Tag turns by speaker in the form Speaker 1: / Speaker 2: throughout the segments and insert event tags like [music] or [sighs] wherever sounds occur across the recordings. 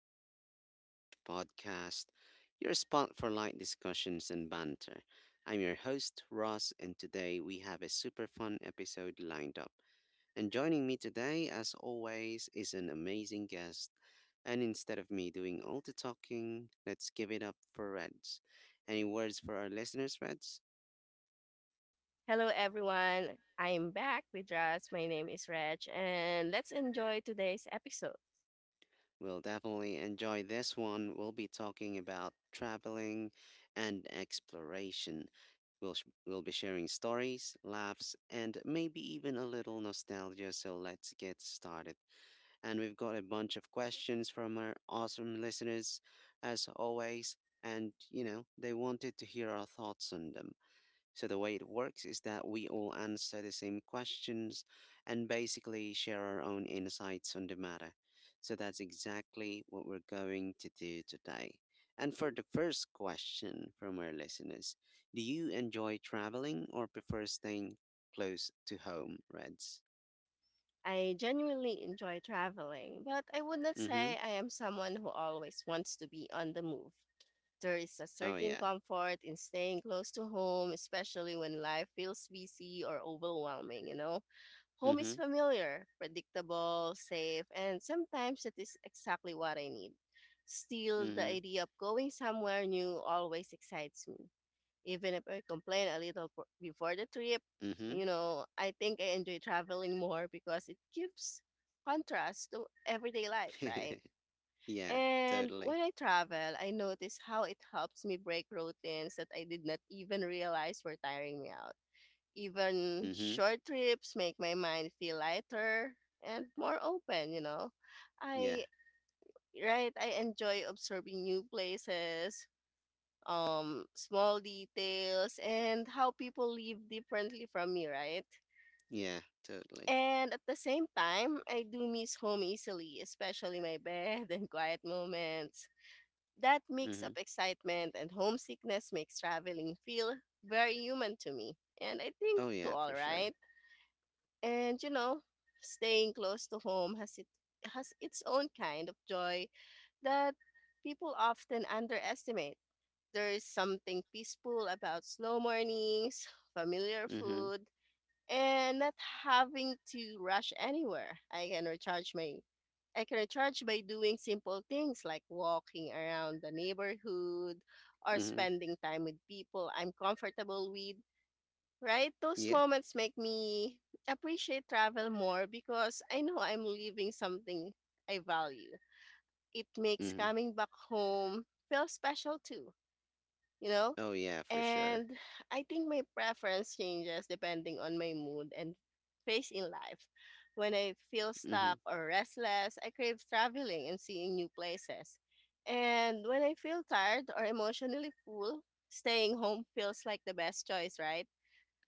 Speaker 1: Pinoy English Podcast, your spot for light discussions and banter. I'm your host, Ross, and today we have a super fun episode lined up. And joining me today, as always, is an amazing guest. And instead of me doing all the talking, let's give it up for Reds. Any words for our listeners, Reds?
Speaker 2: Hello, everyone. I'm back with us. My name is Reg, and let's enjoy today's episode.
Speaker 1: We'll definitely enjoy this one. We'll be talking about traveling and exploration. We'll be sharing stories, laughs, and maybe even a little nostalgia. So let's get started. And we've got a bunch of questions from our awesome listeners, as always. And, you know, they wanted to hear our thoughts on them. So the way it works is that we all answer the same questions and basically share our own insights on the matter. So that's exactly what we're going to do today. And for the first question from our listeners, do you enjoy traveling or prefer staying close to home, Reds?
Speaker 2: I genuinely enjoy traveling, but I would not
Speaker 1: Mm-hmm.
Speaker 2: say I am someone who always wants to be on the move. There is a
Speaker 1: Oh
Speaker 2: certain
Speaker 1: yeah.
Speaker 2: comfort in staying close to home, especially when life feels busy or overwhelming, you know? Home is
Speaker 1: Mm-hmm.
Speaker 2: familiar, predictable, safe, and sometimes that is exactly what I need. Still, the
Speaker 1: Mm-hmm.
Speaker 2: idea of going somewhere new always excites me. Even if I complain a little before the trip, you know, I think I enjoy traveling more because it gives contrast to everyday life,
Speaker 1: Mm-hmm.
Speaker 2: right?
Speaker 1: [laughs] Yeah,
Speaker 2: And
Speaker 1: totally.
Speaker 2: when I travel, I notice how it helps me break routines that I did not even realize were tiring me out. Even
Speaker 1: Mm-hmm.
Speaker 2: short trips make my mind feel lighter and more open.
Speaker 1: Yeah.
Speaker 2: I right, I enjoy observing new places, small details, and how people live differently from me, right?
Speaker 1: Yeah, totally.
Speaker 2: And at the same time, I do miss home easily, especially my bed [laughs] and quiet moments. That mix
Speaker 1: Mm-hmm.
Speaker 2: of excitement and homesickness makes traveling feel very human to me, and I think
Speaker 1: Oh
Speaker 2: to
Speaker 1: yeah,
Speaker 2: all
Speaker 1: for sure.
Speaker 2: right. And you know, staying close to home has its own kind of joy that people often underestimate. There's something peaceful about slow mornings, [sighs] familiar
Speaker 1: Mm-hmm.
Speaker 2: food, and not having to rush anywhere. I can recharge by doing simple things like walking around the neighborhood or
Speaker 1: Mm-hmm.
Speaker 2: spending time with people I'm comfortable with. Right? Those
Speaker 1: Yeah.
Speaker 2: moments make me appreciate travel more because I know I'm leaving something I value. It makes
Speaker 1: Mm-hmm.
Speaker 2: coming back home feel special too, you know?
Speaker 1: Oh yeah, for sure.
Speaker 2: And I think my preference changes depending on my mood and phase in life. When I feel
Speaker 1: Mm-hmm.
Speaker 2: stuck or restless, I crave traveling and seeing new places. And when I feel tired or emotionally full, staying home feels like the best choice, right?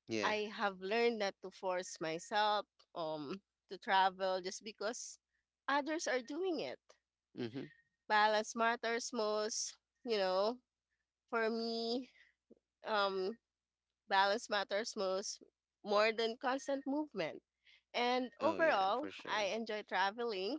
Speaker 1: Yeah.
Speaker 2: I have learned not to force myself um to travel just because others are doing it.
Speaker 1: Mm-hmm.
Speaker 2: Balance matters most, you know. For me, um Balance matters most more than constant movement. And
Speaker 1: Oh yeah,
Speaker 2: overall,
Speaker 1: for
Speaker 2: I
Speaker 1: sure.
Speaker 2: enjoy traveling,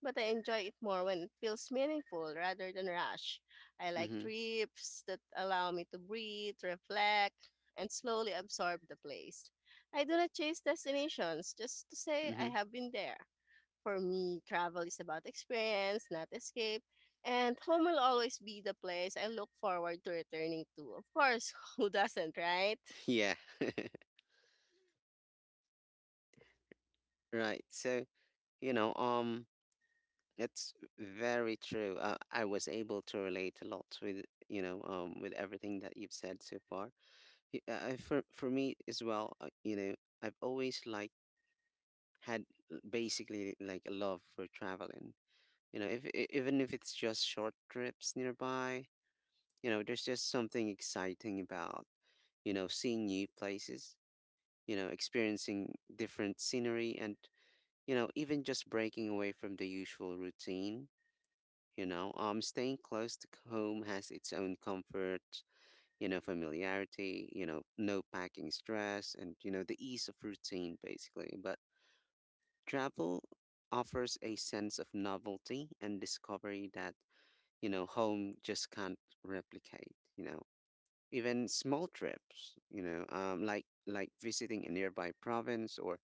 Speaker 2: but I enjoy it more when it feels meaningful rather than rush. I like
Speaker 1: Mm-hmm.
Speaker 2: trips that allow me to breathe, reflect, and slowly absorb the place. I do not chase destinations just to say I
Speaker 1: Mm-hmm.
Speaker 2: have been there. For me, travel is about experience, not escape. And home will always be the place I look forward to returning to. Of course, [laughs] who doesn't, right?
Speaker 1: [laughs] Yeah. [laughs] Right. So you know, um, it's very true. I was able to relate a lot with with everything that you've said so far. For me as well, I've always like had basically like a love for traveling. You know, if e- even if it's just short trips nearby, you know, there's just something exciting about, you know, seeing new places, you know, experiencing different scenery and, you know, even just breaking away from the usual routine, you know. Staying close to home has its own comfort, you know, familiarity, you know, no packing stress and, you know, the ease of routine basically. But travel offers a sense of novelty and discovery that, you know, home just can't replicate, you know. Even small trips, you know, like visiting a nearby province or,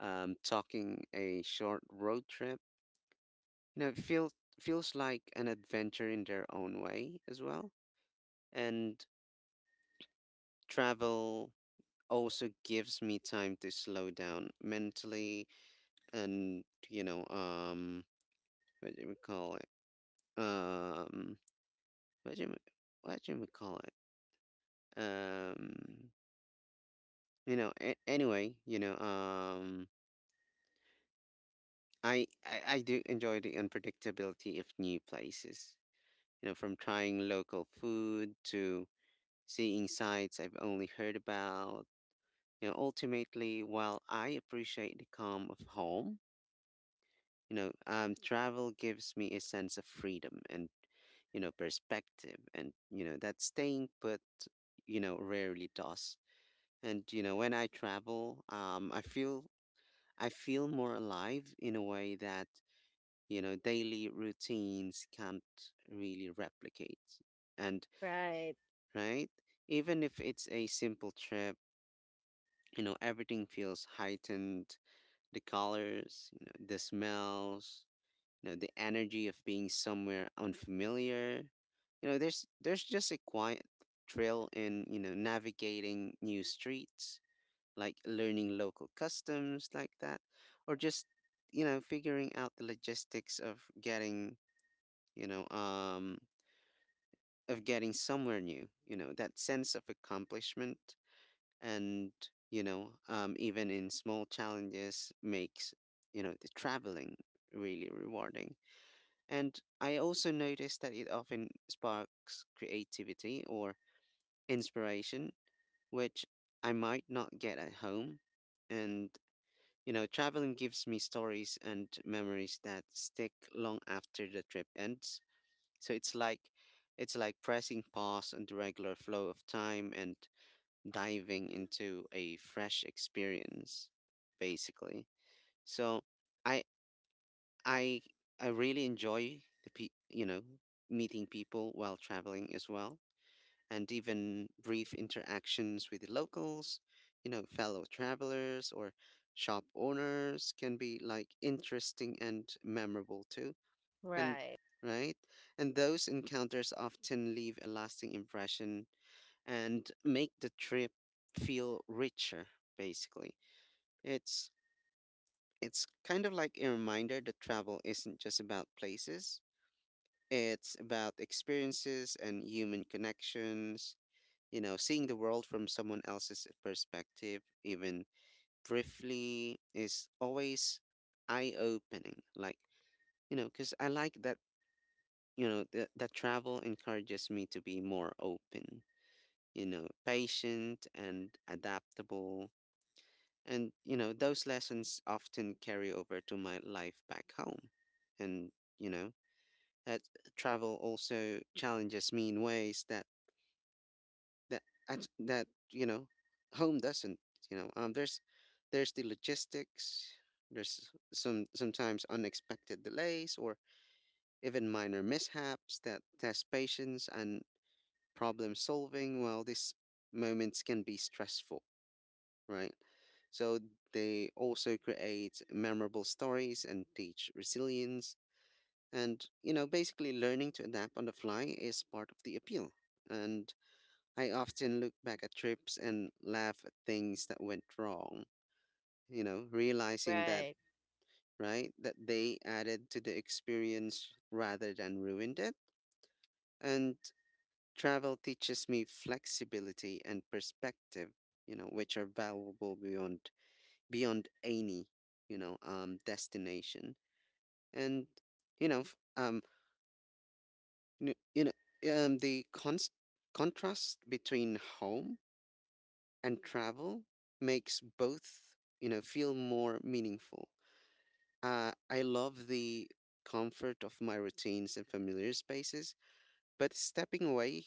Speaker 1: talking a short road trip. You know, it feels like an adventure in their own way as well. And travel also gives me time to slow down mentally and, you know what do we call it um what do we, what do we call it um you know a- anyway you know I do enjoy the unpredictability of new places. You know, from trying local food to seeing sites I've only heard about. You know, ultimately, while I appreciate the calm of home, travel gives me a sense of freedom and, you know, perspective, and you know that staying put, you know, rarely does. And you know, when I travel, I feel more alive in a way that, you know, daily routines can't really replicate. And
Speaker 2: Right,
Speaker 1: right, even if it's a simple trip, you know, everything feels heightened, the colors, you know, the smells, you know, the energy of being somewhere unfamiliar. You know, there's just a quiet thrill in, you know, navigating new streets, like learning local customs like that, or just, you know, figuring out the logistics of getting, you know, um, of getting somewhere new, you know, that sense of accomplishment and, even in small challenges makes, you know, the traveling really rewarding. And I also notice that it often sparks creativity or inspiration, which I might not get at home. And, you know, traveling gives me stories and memories that stick long after the trip ends. So it's like pressing pause on the regular flow of time and diving into a fresh experience, basically. So I I I really enjoy the you know, meeting people while traveling as well, and even brief interactions with the locals, you know, fellow travelers or shop owners can be like interesting and memorable too. And
Speaker 2: right,
Speaker 1: right, and those encounters often leave a lasting impression and make the trip feel richer basically. It's it's kind of like a reminder that travel isn't just about places, it's about experiences and human connections. You know, seeing the world from someone else's perspective, even briefly, is always eye opening. Like, you know, because I like that, you know, that travel encourages me to be more open, you know, patient and adaptable, and you know those lessons often carry over to my life back home. And you know that travel also challenges me in ways that that you know home doesn't, there's the logistics, there's some sometimes unexpected delays or even minor mishaps that test patience and problem solving. Well, these moments can be stressful, right? So they also create memorable stories and teach resilience. And, you know, basically learning to adapt on the fly is part of the appeal. And I often look back at trips and laugh at things that went wrong, you know, realizing that,
Speaker 2: right,
Speaker 1: right, that they added to the experience rather than ruined it. And travel teaches me flexibility and perspective, you know, which are valuable beyond any, destination. And you know, f- n- you know, the cons- contrast between home and travel makes both, you know, feel more meaningful. I love the comfort of my routines and familiar spaces, but stepping away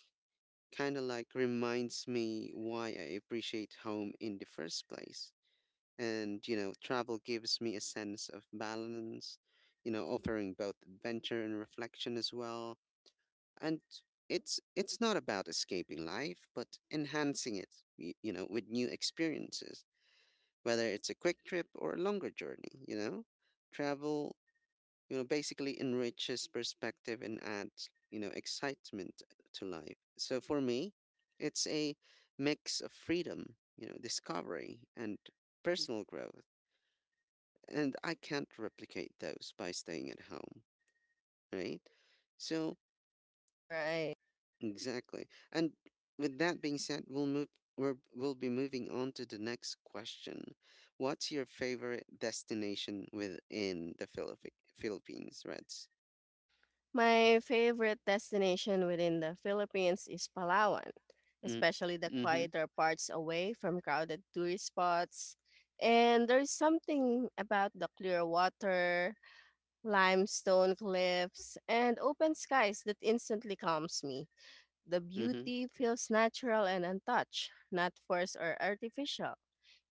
Speaker 1: kind of like reminds me why I appreciate home in the first place. And, you know, travel gives me a sense of balance, you know, offering both adventure and reflection as well. And it's not about escaping life, but enhancing it, you know, with new experiences, whether it's a quick trip or a longer journey, you know? Travel, you know, basically enriches perspective and adds, you know, excitement to life. So for me, it's a mix of freedom, you know, discovery and personal growth. And I can't replicate those by staying at home, right? So
Speaker 2: right.
Speaker 1: exactly. And with that being said, we'll be moving on to the next question. What's your favorite destination within the Philippines, Reds?
Speaker 2: My favorite destination within the Philippines is Palawan,
Speaker 1: Mm,
Speaker 2: especially the
Speaker 1: mm-hmm,
Speaker 2: quieter parts away from crowded tourist spots. And there's something about the clear water, limestone cliffs, and open skies that instantly calms me. The
Speaker 1: mm-hmm.
Speaker 2: beauty feels natural and untouched, not forced or artificial.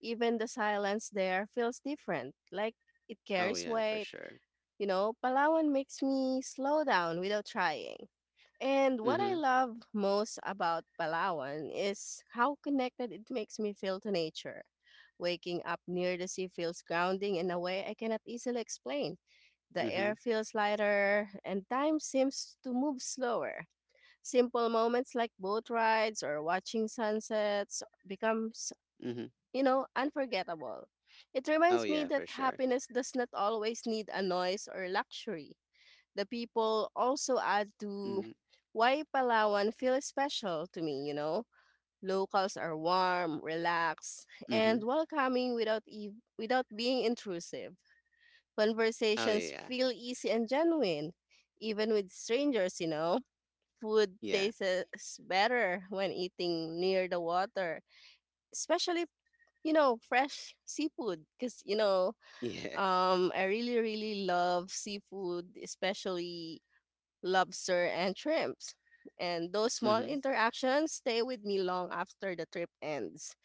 Speaker 2: Even the silence there feels different, like it
Speaker 1: Oh,
Speaker 2: carries
Speaker 1: yeah, for
Speaker 2: weight.
Speaker 1: sure.
Speaker 2: You know, Palawan makes me slow down without trying. And what I
Speaker 1: Mhm,
Speaker 2: love most about Palawan is how connected it makes me feel to nature. Waking up near the sea feels grounding in a way I cannot easily explain. The
Speaker 1: mhm,
Speaker 2: air feels lighter and time seems to move slower. Simple moments like boat rides or watching sunsets becomes,
Speaker 1: mhm.
Speaker 2: you know, unforgettable. It
Speaker 1: Oh,
Speaker 2: reminds me
Speaker 1: yeah,
Speaker 2: that
Speaker 1: for sure.
Speaker 2: happiness does not always need a noise or luxury. The people also add to
Speaker 1: Mhm,
Speaker 2: why Palawan feels special to me, you know? Locals are warm, relaxed, and
Speaker 1: mhm.
Speaker 2: welcoming without being intrusive.
Speaker 1: Oh,
Speaker 2: Conversations
Speaker 1: yeah.
Speaker 2: feel easy and genuine, even with strangers, you know? Food
Speaker 1: Yeah.
Speaker 2: tastes better when eating near the water, especially, you know, fresh seafood because, you know,
Speaker 1: [laughs] Yeah.
Speaker 2: I really, really love seafood, especially lobster, and shrimps. And those small
Speaker 1: Mhm,
Speaker 2: interactions stay with me long after the trip ends.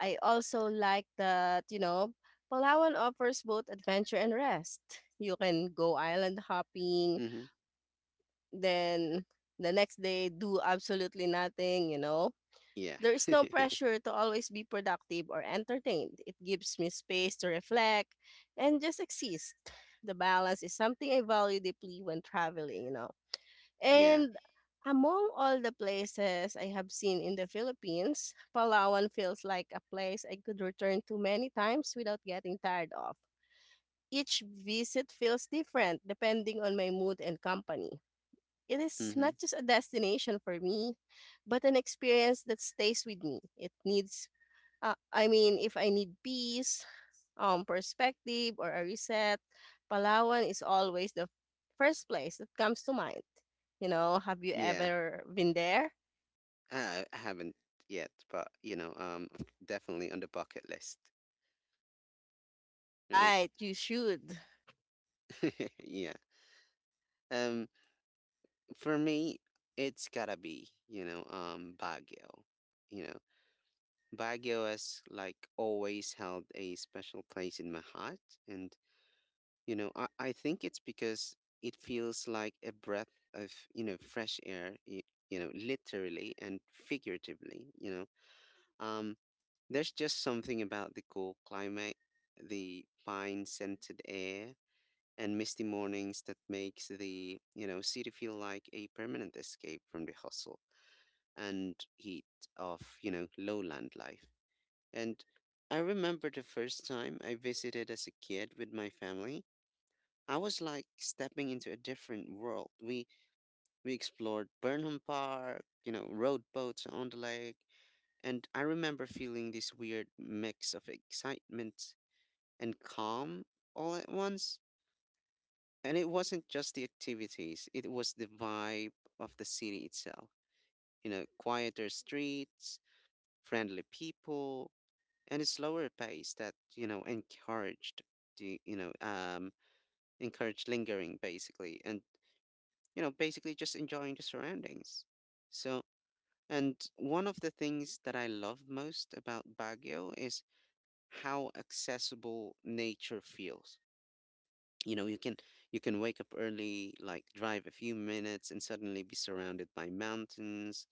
Speaker 2: I also like that, you know, Palawan offers both adventure and rest. You can go island hopping,
Speaker 1: mhm.
Speaker 2: then the next day do absolutely nothing, you know.
Speaker 1: Yeah.
Speaker 2: There is no
Speaker 1: [laughs]
Speaker 2: pressure to always be productive or entertained. It gives me space to reflect and just exist. The balance is something I value deeply when traveling, you know.
Speaker 1: Yeah.
Speaker 2: And among all the places I have seen in the Philippines, Palawan feels like a place I could return to many times without getting tired of. Each visit feels different depending on my mood and company. It is not
Speaker 1: Mhm.
Speaker 2: just a destination for me, but an experience that stays with me. I mean, if I need peace, perspective or a reset, Palawan is always the first place that comes to mind. You know, have you
Speaker 1: Yeah.
Speaker 2: ever been there?
Speaker 1: I haven't yet, but, definitely on the bucket list, right?
Speaker 2: Right, you should.
Speaker 1: [laughs] Yeah. Um, for me, it's gotta be, Baguio. You know, Baguio has, like, always held a special place in my heart. And you know, I think it's because it feels like a breath of, you know, fresh air, you know, literally and figuratively, you know. Um, there's just something about the cool climate, the fine scented air, and misty mornings that makes the, you know, city feel like a permanent escape from the hustle and heat of, you know, lowland life. And I remember the first time I visited as a kid with my family, I was like stepping into a different world. We explored Burnham Park, you know, rowed boats on the lake, and I remember feeling this weird mix of excitement and calm all at once. And it wasn't just the activities; it was the vibe of the city itself. You know, quieter streets, friendly people, and a slower pace that you know encouraged the you know um lingering basically, and you know, basically just enjoying the surroundings. So, and one of the things that I love most about Baguio is how accessible nature feels. You know, you can wake up early, like drive a few minutes and suddenly be surrounded by mountains,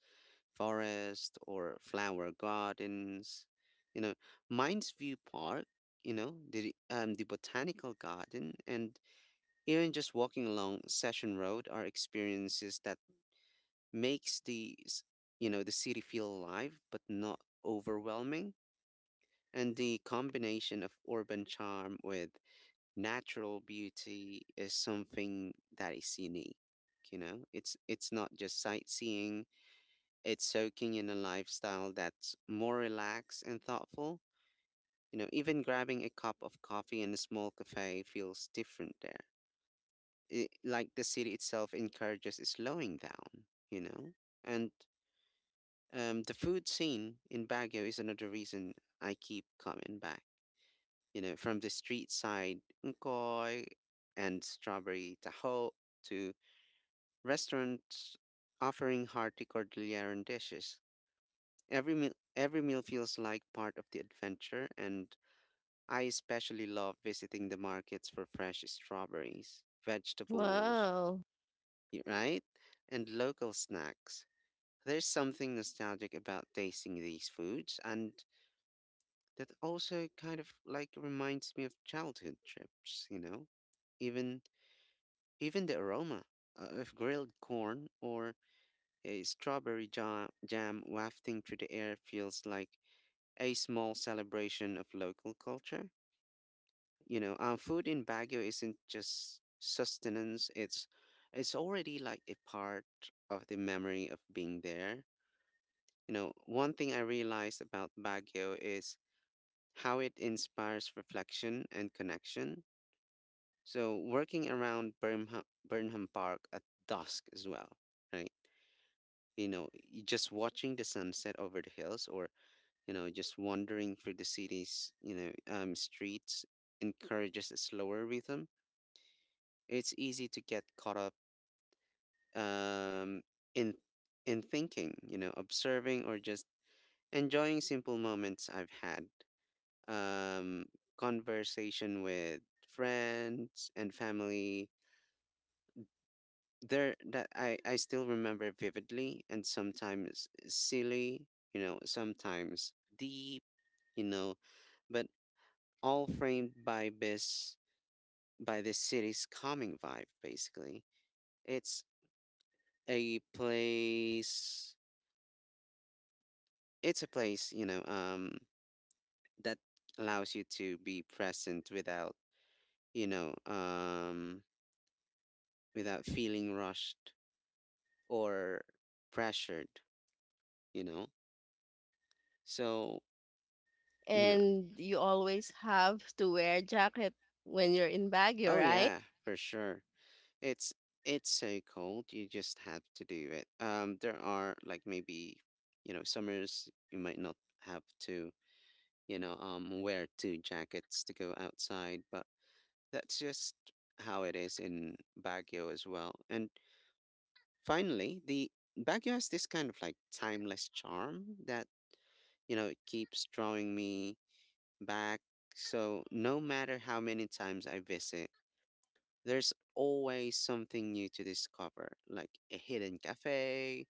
Speaker 1: forest, or flower gardens. You know, Mines View Park, you know, the botanical garden, and even just walking along Session Road are experiences that makes you know the city feel alive but not overwhelming. And the combination of urban charm with natural beauty is something that is unique. You know, it's not just sightseeing, it's soaking in a lifestyle that's more relaxed and thoughtful. You know, even grabbing a cup of coffee in a small cafe feels different there. It, like the city itself encourages slowing down, you know. And the food scene in Baguio is another reason I keep coming back. You know, from the street side unkoy and strawberry taho to restaurants offering hearty Cordilleran dishes. Every meal feels like part of the adventure. And I especially love visiting the markets for fresh strawberries, vegetables,
Speaker 2: Wow.
Speaker 1: right, and local snacks. There's something nostalgic about tasting these foods, and that also kind of like reminds me of childhood trips, you know? Even even the aroma, of grilled corn or a strawberry jam wafting through the air feels like a small celebration of local culture. You know, food in Baguio isn't just sustenance, it's already like a part of the memory of being there. You know, one thing I realized about Baguio is how it inspires reflection and connection. So working around Burnham Park at dusk as well, right? Just watching the sunset over the hills or, just wandering through the city's, streets encourages a slower rhythm. It's easy to get caught up um, in in thinking, observing or just enjoying simple moments I've had. Um, conversation with friends and family there that I still remember vividly and sometimes silly, sometimes deep, you know, but all framed by this city's calming vibe basically. It's a place it's a place, that allows you to be present without, you know, um without feeling rushed or pressured, you know. So, you know,
Speaker 2: And you always have to wear jacket when you're in Baguio,
Speaker 1: oh
Speaker 2: right?
Speaker 1: yeah, for sure. It's it's so cold. You just have to do it. There are like maybe, summers you might not have to, wear two jackets to go outside, but that's just how it is in Baguio as well. And finally, the Baguio has this kind of like timeless charm that, it keeps drawing me back. So no matter how many times I visit, there's always something new to discover, like a hidden cafe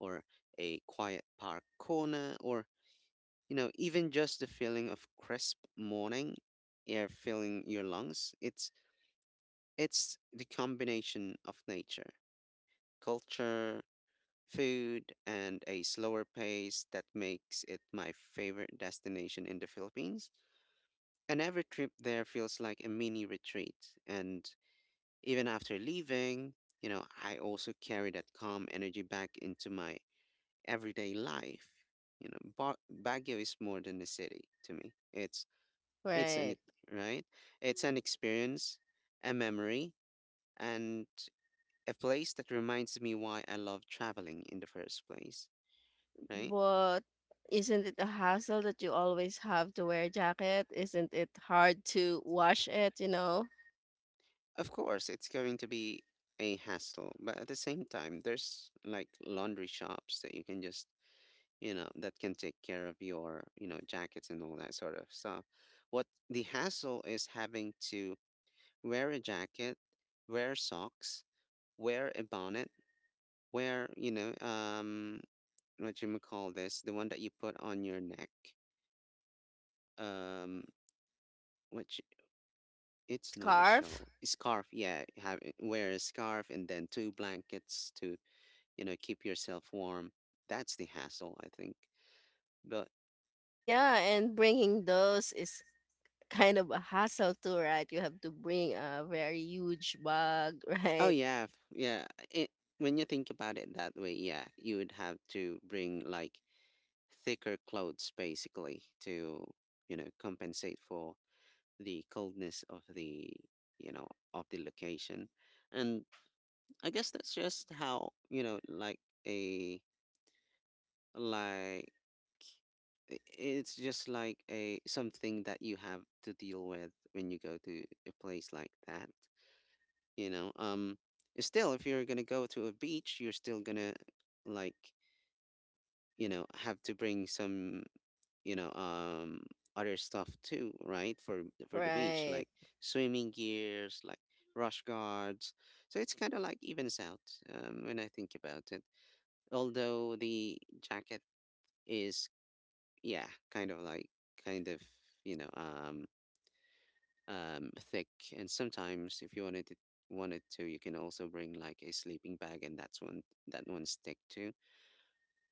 Speaker 1: or a quiet park corner, or, even just the feeling of crisp morning air filling your lungs. It's the combination of nature, culture, food, and a slower pace that makes it my favorite destination in the Philippines. And every trip there feels like a mini retreat. And even after leaving, I also carry that calm energy back into my everyday life. Baguio is more than a city to me. It's
Speaker 2: Right.
Speaker 1: right. It's an experience, a memory, and a place that reminds me why I love traveling in the first place. Right.
Speaker 2: But isn't it a hassle that you always have to wear jacket? Isn't it hard to wash it, you know?
Speaker 1: Of course, it's going to be a hassle, but at the same time, there's like laundry shops that you can just that can take care of your, jackets and all that sort of stuff. What the hassle is having to wear a jacket, wear socks, wear a bonnet, wear, what you may call this, the one that you put on your neck, um, which it's not a
Speaker 2: Scarf?
Speaker 1: shawl, scarf. Yeah, have wear a scarf and then two blankets to, keep yourself warm. That's the hassle, I think. But
Speaker 2: Yeah, and bringing those is kind of a hassle too, right? You have to bring a very huge bag, [laughs]
Speaker 1: Oh
Speaker 2: right?
Speaker 1: yeah, f- yeah. It, when you think about it that way, yeah, you would have to bring like thicker clothes basically to, compensate for the coldness of the, you know, of the location. And I guess that's just how, like a like it's just like a something that you have to deal with when you go to a place like that. you know um Still if you're gonna go to a beach you're still gonna like have to bring some you know um other stuff too, right? For the beach
Speaker 2: Right.
Speaker 1: like swimming gears like rush guards. So it's kind of like evens out when I think about it, although the jacket is yeah kind of like kind of you know um thick. And sometimes, if you wanted to, you can also bring like a sleeping bag, and that one's thick too.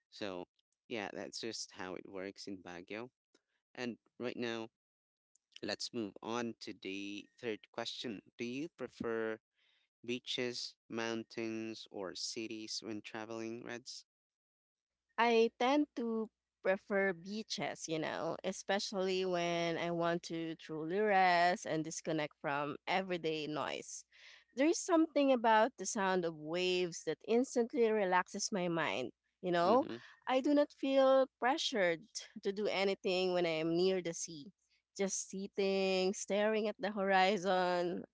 Speaker 1: So, yeah, that's just how it works in Baguio. And right now, let's move on to the third question. Do you prefer beaches, mountains, or cities when traveling, Reds?
Speaker 2: I tend to prefer beaches, you know, especially when I want to truly rest and disconnect from everyday noise. There's something about the sound of waves that instantly relaxes my mind. You know,
Speaker 1: Mm-hmm.
Speaker 2: I do not feel pressured to do anything when I am near the sea. Just sitting, staring at the horizon,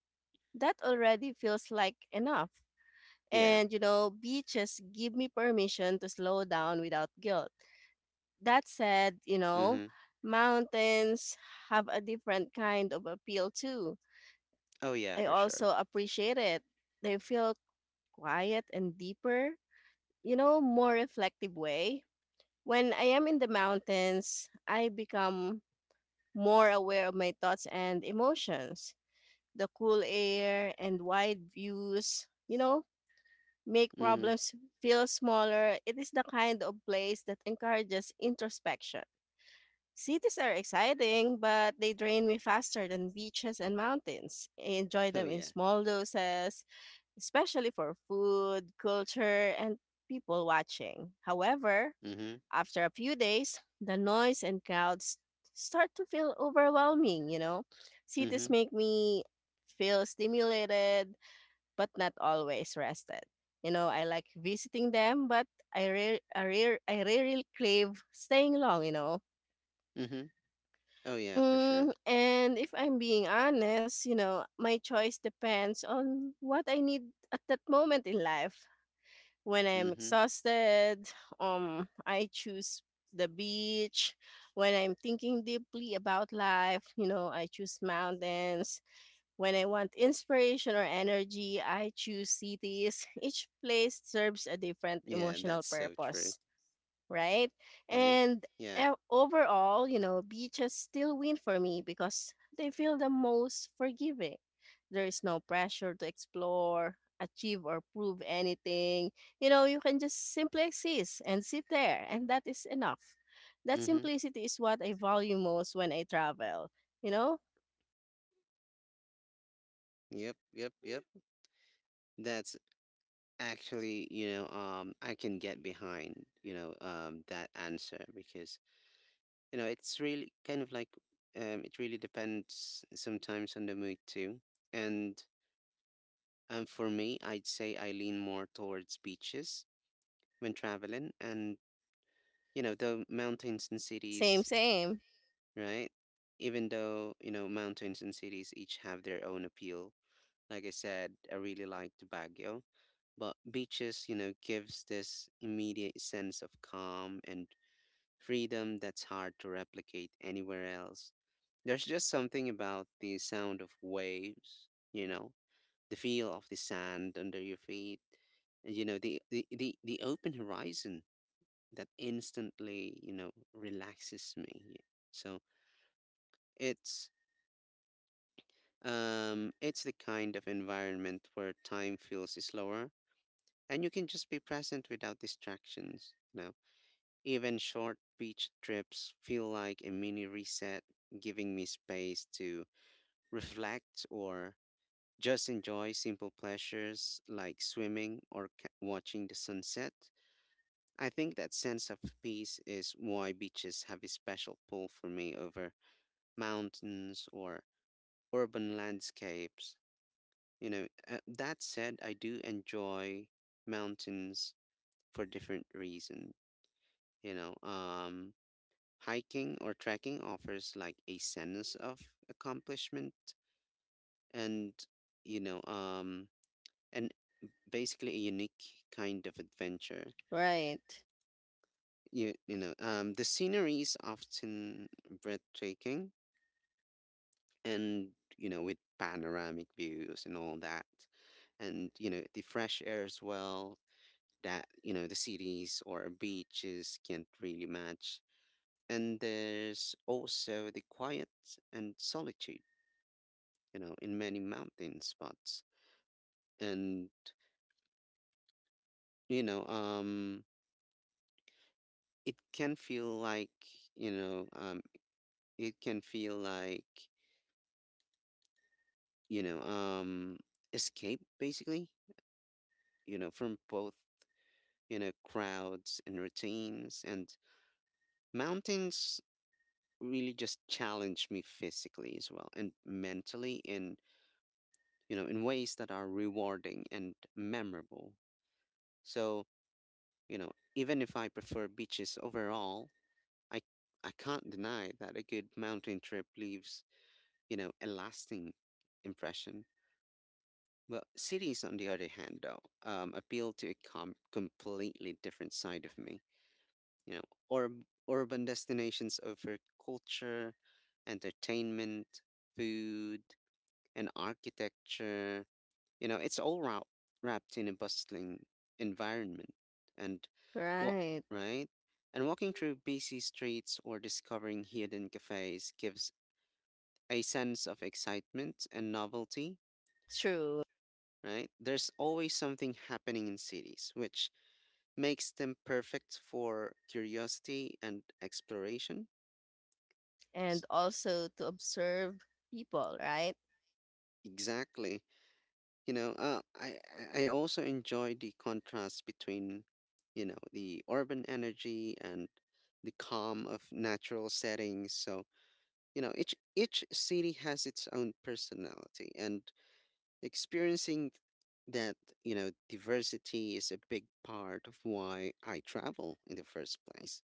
Speaker 2: that already feels like enough.
Speaker 1: Yeah.
Speaker 2: And you know, beaches give me permission to slow down without guilt. That said, you know,
Speaker 1: Mm-hmm.
Speaker 2: mountains have a different kind of appeal too.
Speaker 1: Oh yeah,
Speaker 2: I
Speaker 1: for sure.
Speaker 2: also appreciate it. They feel quiet and deeper, you know, more reflective way. When I am in the mountains, I become more aware of my thoughts and emotions. The cool air and wide views, you know, make
Speaker 1: Mm-hmm. [laughs]
Speaker 2: problems feel smaller. It is the kind of place that encourages introspection. Cities are exciting, but they drain me faster than beaches and mountains. I enjoy
Speaker 1: Oh
Speaker 2: them in
Speaker 1: yeah.
Speaker 2: small doses, especially for food, culture, and people watching. However,
Speaker 1: Mm-hmm.
Speaker 2: after a few days, the noise and crowds start to feel overwhelming, you know? Cities
Speaker 1: Mm-hmm.
Speaker 2: make me feel stimulated, but not always rested. You know, I like visiting them, but I really crave staying long, you know.
Speaker 1: Mm-hmm. Oh yeah, for sure.
Speaker 2: Mm, and if I'm being honest, you know, my choice depends on what I need at that moment in life. When I'm
Speaker 1: Mm-hmm.
Speaker 2: exhausted, I choose the beach. When I'm thinking deeply about life, you know, I choose mountains when I want inspiration or energy, I choose cities. [laughs] Each place serves a different
Speaker 1: Yeah,
Speaker 2: emotional
Speaker 1: that's so true.
Speaker 2: purpose, right?
Speaker 1: Right?
Speaker 2: And
Speaker 1: Yeah.
Speaker 2: overall, you know, beaches still win for me because they feel the most forgiving. There is no pressure to explore, achieve, or prove anything. You know, you can just simply exist and sit there, and that is enough. That
Speaker 1: Mm-hmm.
Speaker 2: simplicity is what I value most when I travel. You know,
Speaker 1: Yep, yep, yep. That's actually, I can get behind, that answer because, it's really kind of like, it really depends sometimes on the mood too. And for me, I'd say I lean more towards beaches when traveling and, the mountains and
Speaker 2: same,
Speaker 1: cities,
Speaker 2: same.
Speaker 1: right? Even though, mountains and cities each have their own appeal. Like I said, I really liked Baguio, but beaches, gives this immediate sense of calm and freedom that's hard to replicate anywhere else. There's just something about the sound of waves, the feel of the sand under your feet, and, the open horizon that instantly, relaxes me. So it's it's the kind of environment where time feels slower and you can just be present without distractions, you know. Even short beach trips feel like a mini reset, giving me space to [laughs] reflect or just enjoy simple pleasures like swimming or watching the sunset. I think that sense of peace is why beaches have a special pull for me over mountains or urban landscapes. That said, I do enjoy mountains for different reason. You know, um, Hiking or trekking offers like a sense of accomplishment and you know um and basically a unique kind of adventure.
Speaker 2: Right.
Speaker 1: The scenery is often breathtaking and with panoramic views and all that, and the fresh air as well, that the cities or beaches can't really match. And there's also the quiet and solitude, in many mountain spots. And, you know, um, it can feel like, you know, um, it can feel like, you know, um, escape basically, from both, crowds and routines. And mountains really just challenge me physically as well and mentally in, in ways that are rewarding and memorable. So, even if I prefer beaches overall, I I can't deny that a good mountain trip leaves, a lasting impression. But cities, on the other hand, though, appeal to a completely different side of me. You know, or Urban destinations offer culture, entertainment, food, and architecture. It's all wrapped in a bustling environment. And what,
Speaker 2: Right.
Speaker 1: right? And walking through busy streets or discovering hidden cafes gives a sense of excitement and novelty,
Speaker 2: True.
Speaker 1: right? There's always something happening in cities, which makes them perfect for curiosity and exploration.
Speaker 2: And
Speaker 1: S-
Speaker 2: also to observe people, right?
Speaker 1: Exactly. You know, uh, I I also enjoy the contrast between, the urban energy and the calm of natural settings. So, each city has its own personality, and experiencing that, diversity is a big part of why I travel in the first place.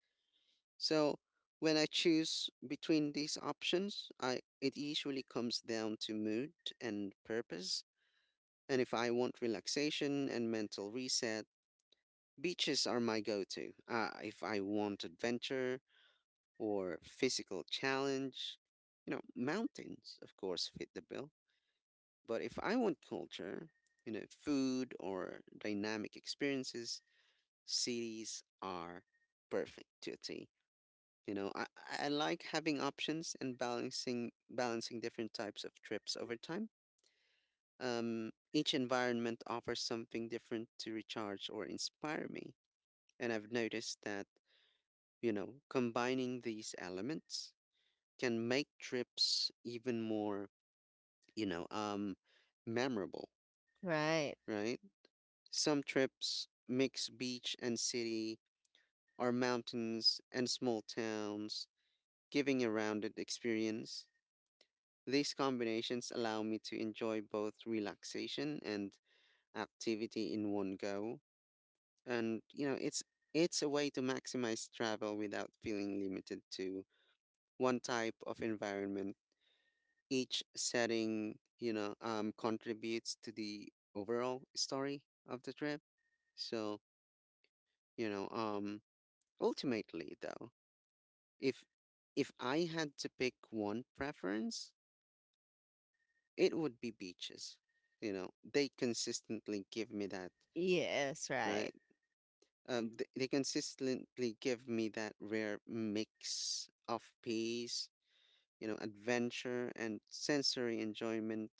Speaker 1: So, when I choose between these options, I it usually comes down to mood and purpose. And if I want relaxation and mental reset, beaches are my go to. If I want adventure or physical challenge, mountains, of course, fit the bill. But if I want culture, food or dynamic experiences, cities are perfect to a T. You know, I, I like having options and balancing different types of trips over time. Each environment offers something different to recharge or inspire me. And I've noticed that, combining these elements can make trips even more, you know, um, memorable,
Speaker 2: Right.
Speaker 1: right? Some trips mix beach and city or mountains and small towns, giving a rounded experience. These combinations allow me to enjoy both relaxation and activity in one go. And it's a way to maximize travel without feeling limited to one type of environment. Each setting contributes to the overall story of the trip. So you know um ultimately though, if if I had to pick one preference, it would be beaches. They consistently give me that,
Speaker 2: Yes, right.
Speaker 1: right? They consistently give me that rare mix of peace, adventure and sensory enjoyment.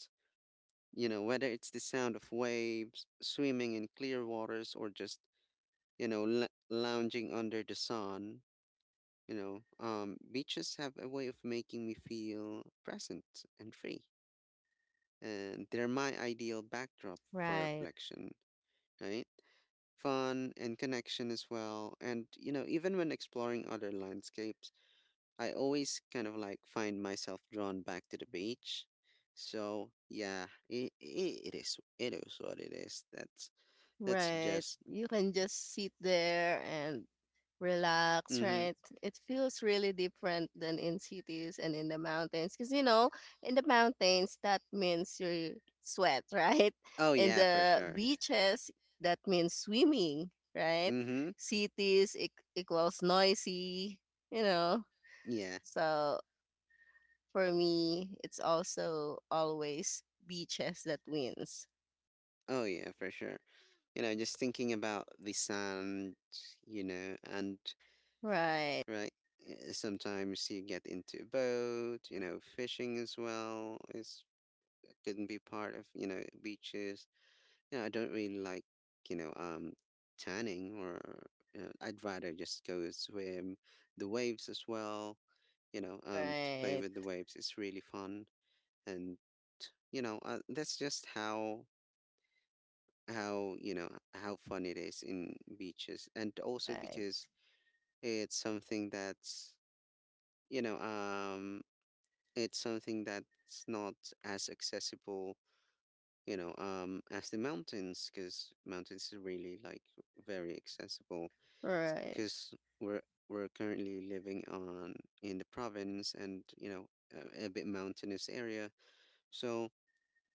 Speaker 1: You know, whether it's the sound of waves, swimming in clear waters, or just, lounging under the sun, beaches have a way of making me feel present and free. And they're my ideal backdrop for
Speaker 2: Right.
Speaker 1: reflection, right? Fun and connection as well. And you know, even when exploring other landscapes, I always kind of like find myself drawn back to the beach. So yeah, it is what it is. That's
Speaker 2: Right.
Speaker 1: just
Speaker 2: You can just sit there and relax,
Speaker 1: Mm-hmm.
Speaker 2: right? It feels really different than in cities and in the mountains. Because, you know, in the mountains, that means you sweat, [laughs] right?
Speaker 1: Oh
Speaker 2: In
Speaker 1: yeah, for
Speaker 2: the
Speaker 1: sure.
Speaker 2: beaches, that means swimming, right?
Speaker 1: Mm-hmm.
Speaker 2: Equals noisy, you know?
Speaker 1: Yeah.
Speaker 2: So for me, it's also always beaches that wins.
Speaker 1: Oh yeah, for sure. You know, just thinking about the sand, you know, and
Speaker 2: Right,
Speaker 1: right. Sometimes you get into a boat, fishing as well is can be part of, beaches. Yeah, I don't really like, you know, um, tanning or I'd rather just go swim the waves as well, to play
Speaker 2: right,
Speaker 1: with the waves. It's really fun. And, that's just how, how fun it is in beaches. And also
Speaker 2: right,
Speaker 1: because it's something you know, um, it's something that's not as accessible, as the mountains, because mountains are really very accessible.
Speaker 2: right.
Speaker 1: Because we're we're currently living on in the province, and a bit mountainous area. So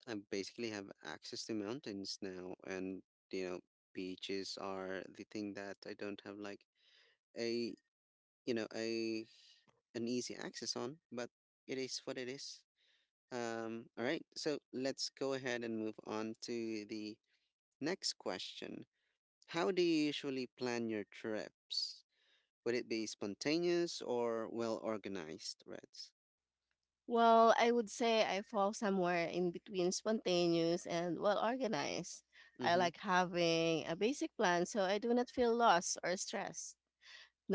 Speaker 1: I basically have access to mountains now, and you know, beaches are the thing that I don't have a you know a an easy access on, but it is what it is. All right, so let's go ahead and move on to the next question. How do you usually plan your trips? Would it be spontaneous or well organized, Reds?
Speaker 2: Well, I would say I fall somewhere in between spontaneous and well organized. I
Speaker 1: Mm-hmm.
Speaker 2: like having a basic plan so I do not feel lost or stressed.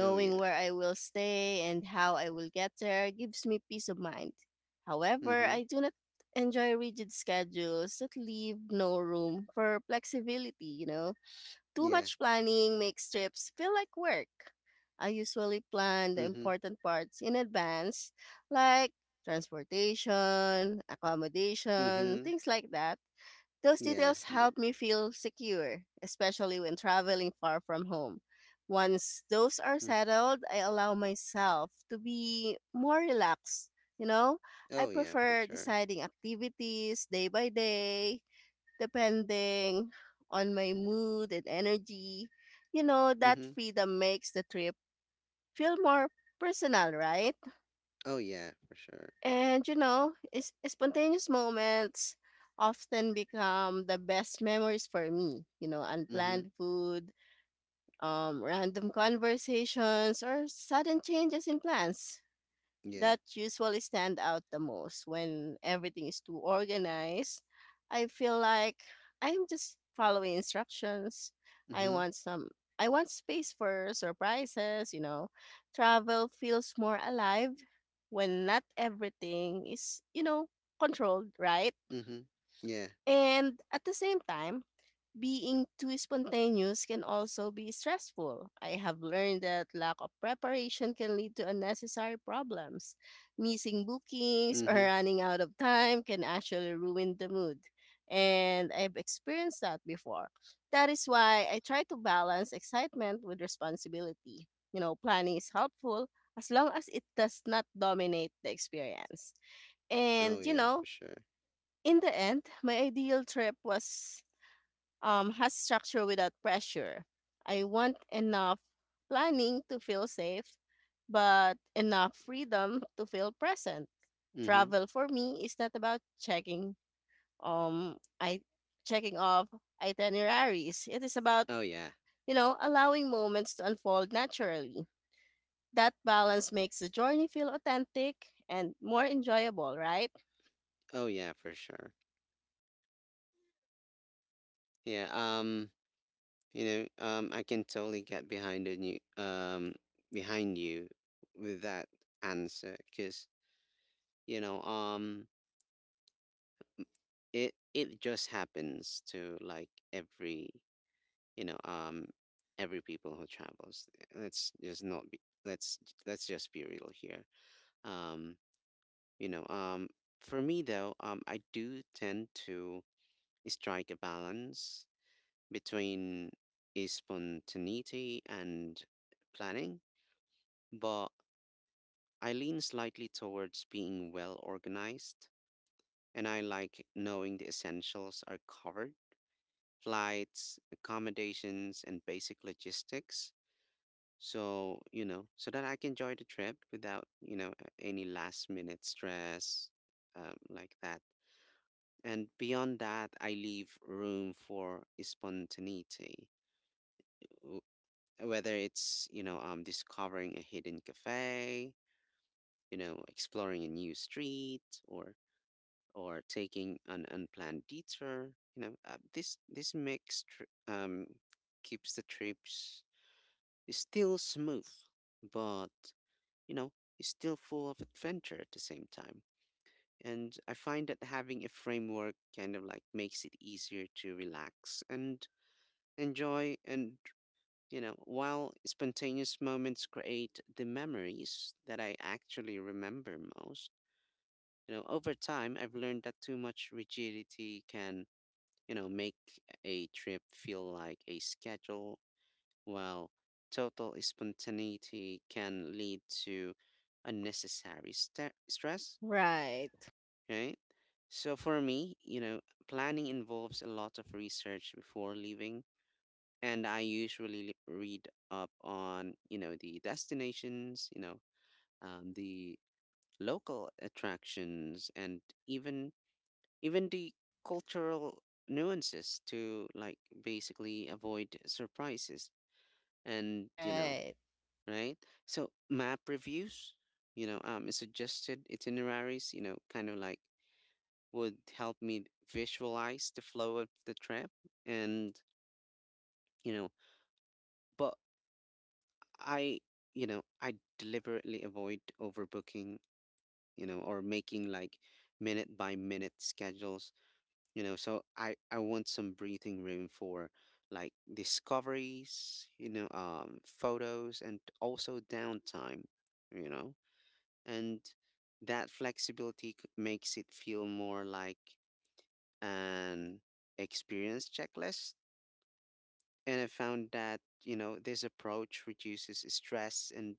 Speaker 1: Oh yeah.
Speaker 2: where I will stay and how I will get there gives me peace of mind. However,
Speaker 1: Mm-hmm.
Speaker 2: I do not enjoy rigid schedules that leave no room for flexibility, you know? Too
Speaker 1: Yeah.
Speaker 2: much planning makes trips feel like work. I usually plan the
Speaker 1: Mm-hmm.
Speaker 2: important parts in advance, like transportation, accommodation,
Speaker 1: Mm-hmm.
Speaker 2: things like that. Those
Speaker 1: Yeah.
Speaker 2: details
Speaker 1: th-
Speaker 2: help me feel secure, especially when traveling far from home. Once those are
Speaker 1: mm.
Speaker 2: settled, I allow myself to be more relaxed. You know, I
Speaker 1: Oh yeah, for
Speaker 2: prefer
Speaker 1: sure.
Speaker 2: deciding activities day by day depending on my mood and energy. You know, that
Speaker 1: Mm-hmm.
Speaker 2: freedom makes the trip feel more personal, right?
Speaker 1: Oh yeah, for sure.
Speaker 2: And you know, is spontaneous moments often become the best memories for me. You know,
Speaker 1: Mm-hmm.
Speaker 2: unplanned food, random conversations, or sudden changes in plans
Speaker 1: Yeah.
Speaker 2: that usually stand out the most when everything is too organized. I feel like I'm just following instructions. I
Speaker 1: Mm-hmm.
Speaker 2: want some I want space for surprises, you know. Travel feels more alive when not everything is, you know, controlled, right?
Speaker 1: Mm-hmm. Yeah.
Speaker 2: And at the same time, being too spontaneous can also be stressful. I have learned that lack of preparation can lead to unnecessary problems. Missing bookings or
Speaker 1: Mm-hmm.
Speaker 2: running out of time can actually ruin the mood. And I've experienced that before. That is why I try to balance excitement with responsibility. You know, planning is helpful as long as it does not dominate the experience. And,
Speaker 1: Oh
Speaker 2: you
Speaker 1: yeah,
Speaker 2: know,
Speaker 1: for sure.
Speaker 2: in the end, my ideal trip was has structure without pressure. I want enough planning to feel safe, but enough freedom to feel present.
Speaker 1: Mm-hmm.
Speaker 2: Travel for me is not about um I checking off itineraries. It is about,
Speaker 1: Oh yeah.
Speaker 2: allowing moments to unfold naturally. That balance makes the journey feel authentic and more enjoyable, right?
Speaker 1: Oh yeah, for sure. Yeah. I can totally get behind a new, behind you with that answer, because you know, um, it just happens to you know, um, every people who travels. Eh, Let's just not be. Let's just be real here. Um, you know, um, for me, I do tend to strike a balance between a spontaneity and planning, but I lean slightly towards being well organized, and I like knowing the essentials are covered: flights, accommodations, and basic logistics. So, so that I can enjoy the trip without, any last minute stress like that. And beyond that, I leave room for spontaneity, w- whether it's, discovering a hidden cafe, exploring a new street, or taking an unplanned detour. This keeps the trips still smooth, but you know, it's still full of adventure at the same time. And I find that having a framework kind of makes it easier to relax and enjoy. And while spontaneous moments create the memories that I actually remember most, you know, over time I've learned that too much rigidity can, you know, make a trip feel like a schedule, while total spontaneity can lead to unnecessary sta stress,
Speaker 2: Right.
Speaker 1: right? So for me, you know, planning involves a lot of research before leaving, and I usually read up on, you know, the destinations, you know, the local attractions, and even the cultural nuances to basically avoid surprises and you know,
Speaker 2: Right.
Speaker 1: right? So map reviews, suggested itineraries, you know, kind of would help me visualize the flow of the trip, and you know. But I I deliberately avoid overbooking, you know, or making minute by minute schedules, you know. So I want some breathing room for discoveries, photos, and also downtime, you know. And that flexibility makes it feel more like an experience checklist. And I found that, you know, this approach reduces stress and,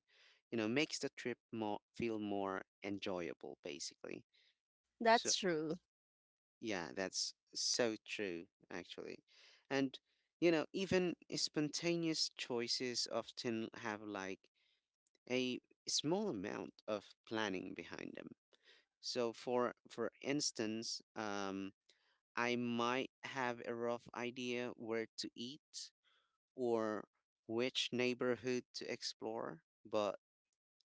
Speaker 1: you know, makes the trip more feel more enjoyable, basically. So
Speaker 2: That's true.
Speaker 1: yeah, that's so true, actually. And, you know, even spontaneous choices often have a small amount of planning behind them. So for instance, I might have a rough idea where to eat or which neighborhood to explore, but,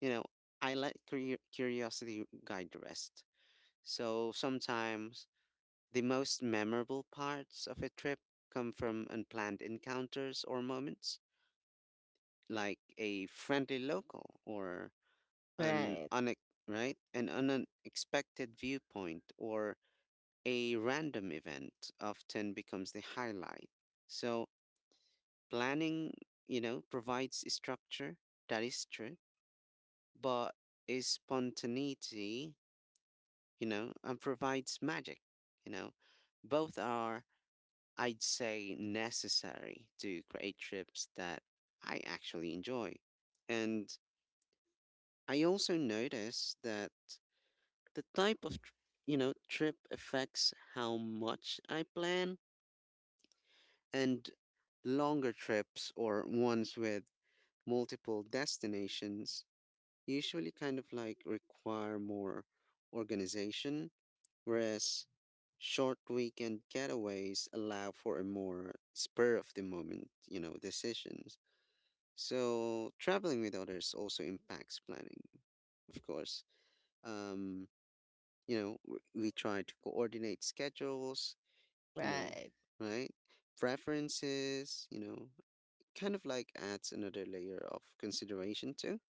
Speaker 1: you know, I let curiosity guide the rest. So sometimes the most memorable parts of a trip come from unplanned encounters or moments, like a friendly local or an
Speaker 2: Right.
Speaker 1: right, an unexpected viewpoint or a random event often becomes the highlight. So planning, you know, provides structure, that is true, but is spontaneity, you know, and provides magic, you know. Both are, I'd say, necessary to create trips that I actually enjoy. And I also notice that the type of you know, trip affects how much I plan. And longer trips or ones with multiple destinations usually kind of require more organization, whereas short weekend getaways allow for a more spur of the moment, you know, decisions. So traveling with others also impacts planning, of course. Um, you know, we try to coordinate schedules, you know,
Speaker 2: Right.
Speaker 1: right? Preferences, you know, kind of adds another layer of consideration too.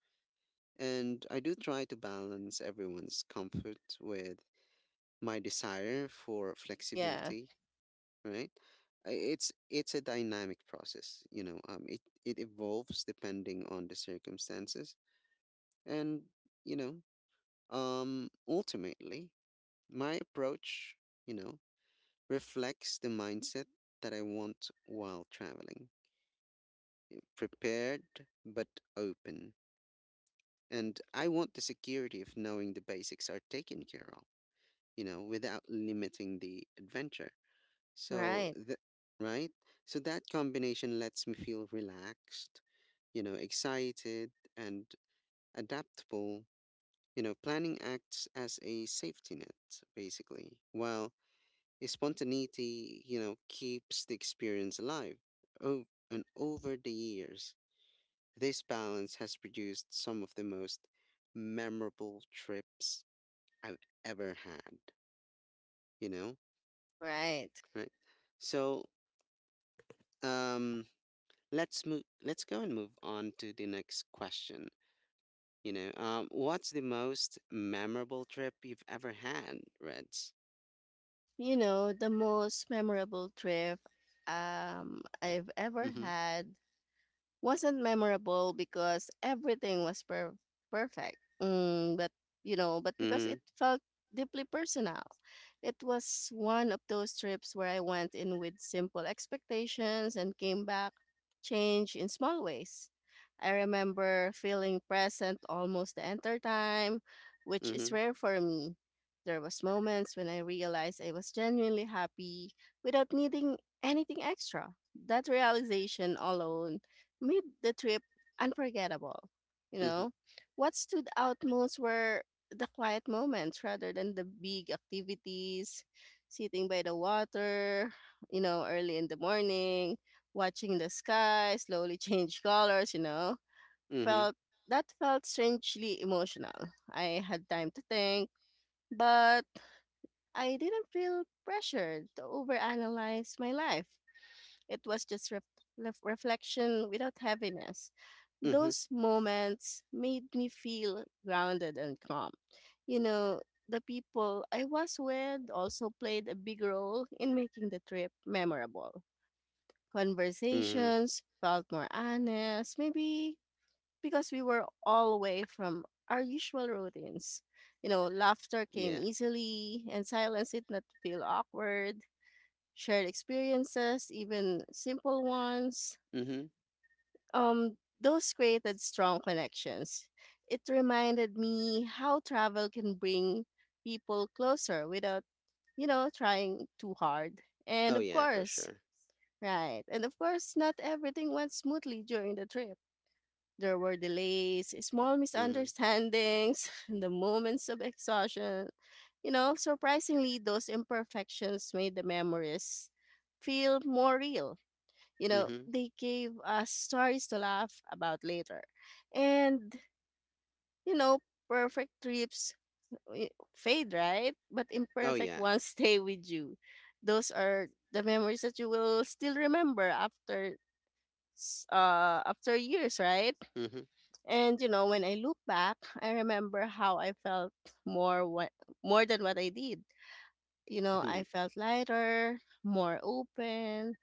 Speaker 1: And I do try to balance everyone's comfort with my desire for
Speaker 2: Yeah.
Speaker 1: flexibility, right? It's a dynamic process, you know. It evolves depending on the circumstances. And, you know, ultimately, my approach, you know, reflects the mindset that I want while traveling: prepared but open. And I want the security of knowing the basics are taken care of, you know, without limiting the adventure. So,
Speaker 2: Right.
Speaker 1: right? So that combination lets me feel relaxed, you know, excited, and adaptable. You know, planning acts as a safety net, basically, while spontaneity, you know, keeps the experience alive. Oh, and over the years, this balance has produced some of the most memorable trips I've ever had, you know,
Speaker 2: Right.
Speaker 1: right? So, um, let's go and move on to the next question. You know, what's the most memorable trip you've ever had, Reds?
Speaker 2: You know, the most memorable trip I've ever
Speaker 1: Mm-hmm.
Speaker 2: had wasn't memorable because everything was perfect. Mm, but but because
Speaker 1: Mm-hmm.
Speaker 2: it felt deeply personal. It was one of those trips where I went in with simple expectations and came back changed in small ways. I remember feeling present almost the entire time, which is rare for me. There was moments when I realized I was genuinely happy without needing anything extra. That realization alone made the trip unforgettable. You
Speaker 1: Mhm,
Speaker 2: know, what stood out most were the quiet moments rather than the big activities, sitting by the water, early in the morning, watching the sky slowly [laughs] change colors, you know,
Speaker 1: mhm,
Speaker 2: felt That felt strangely emotional. I had time to think, but I didn't feel pressured to overanalyze my life. It was just reflection without heaviness.
Speaker 1: mhm,
Speaker 2: Those moments made me feel grounded and calm. You know, the people I was with also played a big role in making the trip memorable.
Speaker 1: mhm.
Speaker 2: Conversations felt more honest, maybe because we were all away from our usual routines. You know, laughter came
Speaker 1: Yeah.
Speaker 2: easily and silence did not feel awkward. Shared experiences, even simple ones,
Speaker 1: Mhm.
Speaker 2: those created strong connections. It reminded me how travel can bring people closer without, trying too hard. And
Speaker 1: Oh
Speaker 2: of
Speaker 1: yeah, for
Speaker 2: course,
Speaker 1: sure.
Speaker 2: right. And of course, not everything went smoothly during the trip. There were delays, small
Speaker 1: Mhm,
Speaker 2: misunderstandings, [laughs] the moments of exhaustion. You know, surprisingly, those imperfections made the memories feel more real. You know,
Speaker 1: mhm.
Speaker 2: they gave us stories to laugh about later. And, you know, perfect trips eh, fade, right? But
Speaker 1: Oh
Speaker 2: imperfect
Speaker 1: yeah.
Speaker 2: ones [laughs] stay with you. Those are the memories that you will still remember after after years, right?
Speaker 1: Mhm,
Speaker 2: And you know, when I look back, I remember how I felt more what more than what I did. You know,
Speaker 1: mhm,
Speaker 2: I felt lighter, more open,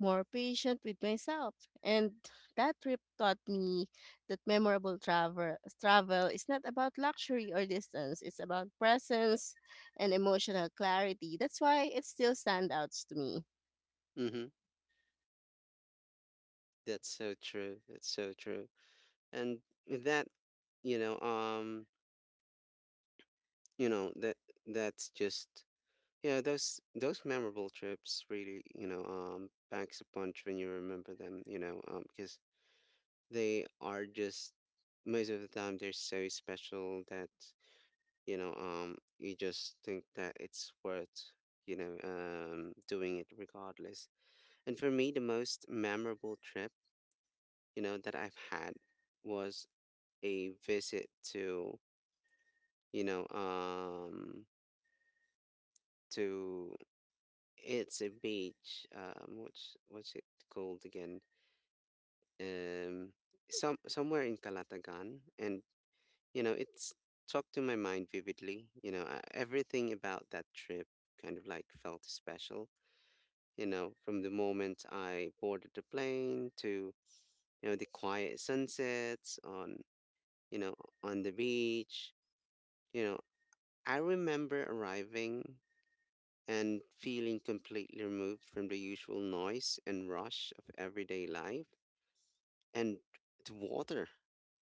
Speaker 2: more patient with myself. And that trip taught me that memorable travel is not about luxury or distance, it's about presence and emotional clarity. That's why it still stands out to me.
Speaker 1: mhm. That's so true. That's so true. And with that, you know, um, that that's just, you know, those memorable trips really, packs a punch when you remember them. You know, because they are just, most of the time they're so special that, you just think that it's worth, doing it regardless. And for me, the most memorable trip, you know, that I've had was a visit to, you know um to it's a beach, what's it called again, um somewhere in Calatagan. And you know, it's stuck to my mind vividly. Everything about that trip kind of felt special, you know, from the moment I boarded the plane to, you know, the quiet sunsets on, you know, on the beach. You know, I remember arriving and feeling completely removed from the usual noise and rush of everyday life. And the water,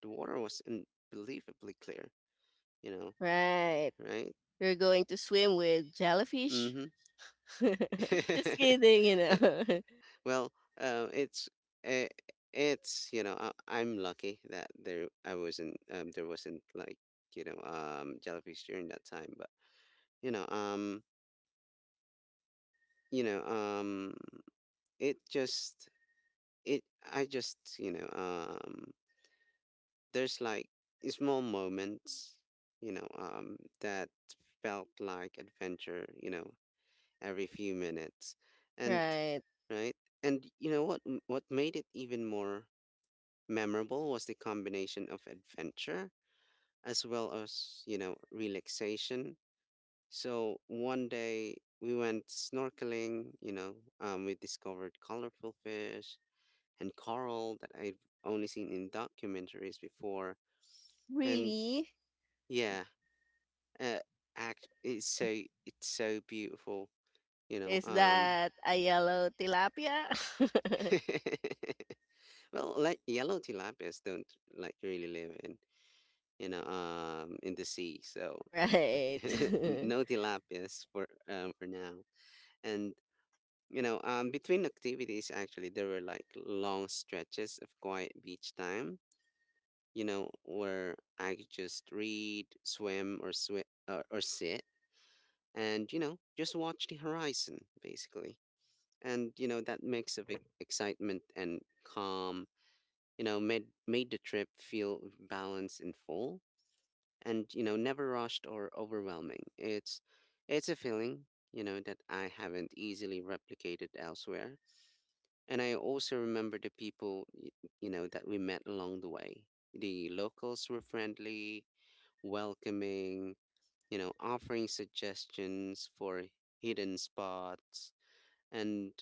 Speaker 1: the water was unbelievably clear, you know,
Speaker 2: Right.
Speaker 1: right?
Speaker 2: You're going to swim with jellyfish?
Speaker 1: Mm
Speaker 2: [laughs] Just kidding, you
Speaker 1: hmm. [laughs]
Speaker 2: know. [laughs]
Speaker 1: Well, uh, it's uh, it's, I'm lucky that there I wasn't there wasn't jellyfish during that time, but you know um you know um it just, it I just, there's small moments, that felt like adventure, you know, every few minutes. And
Speaker 2: Right.
Speaker 1: right, and you know, what made it even more memorable was the combination of adventure as well as, you know, relaxation. So one day we went snorkeling, you know, we discovered colorful fish and coral that I've only seen in documentaries before. And
Speaker 2: Really?
Speaker 1: yeah, uh, act it's so, it's so beautiful, you know.
Speaker 2: Is that a yellow tilapia? [laughs]
Speaker 1: [laughs] Well, like yellow tilapias don't really live in, in the sea, so
Speaker 2: Right.
Speaker 1: [laughs] no tilapias for, for now. And you know, between activities, actually, there were like long stretches of quiet beach time. You know, where I could just read, swim, or or sit, and you know, just watch the horizon, basically. And you know, that mix of excitement and calm, you know, made the trip feel balanced and full and you know, never rushed or overwhelming. It's a feeling, you know, that I haven't easily replicated elsewhere. And I also remember the people, you know, that we met along the way. The locals were friendly, welcoming, you know, offering suggestions for hidden spots and,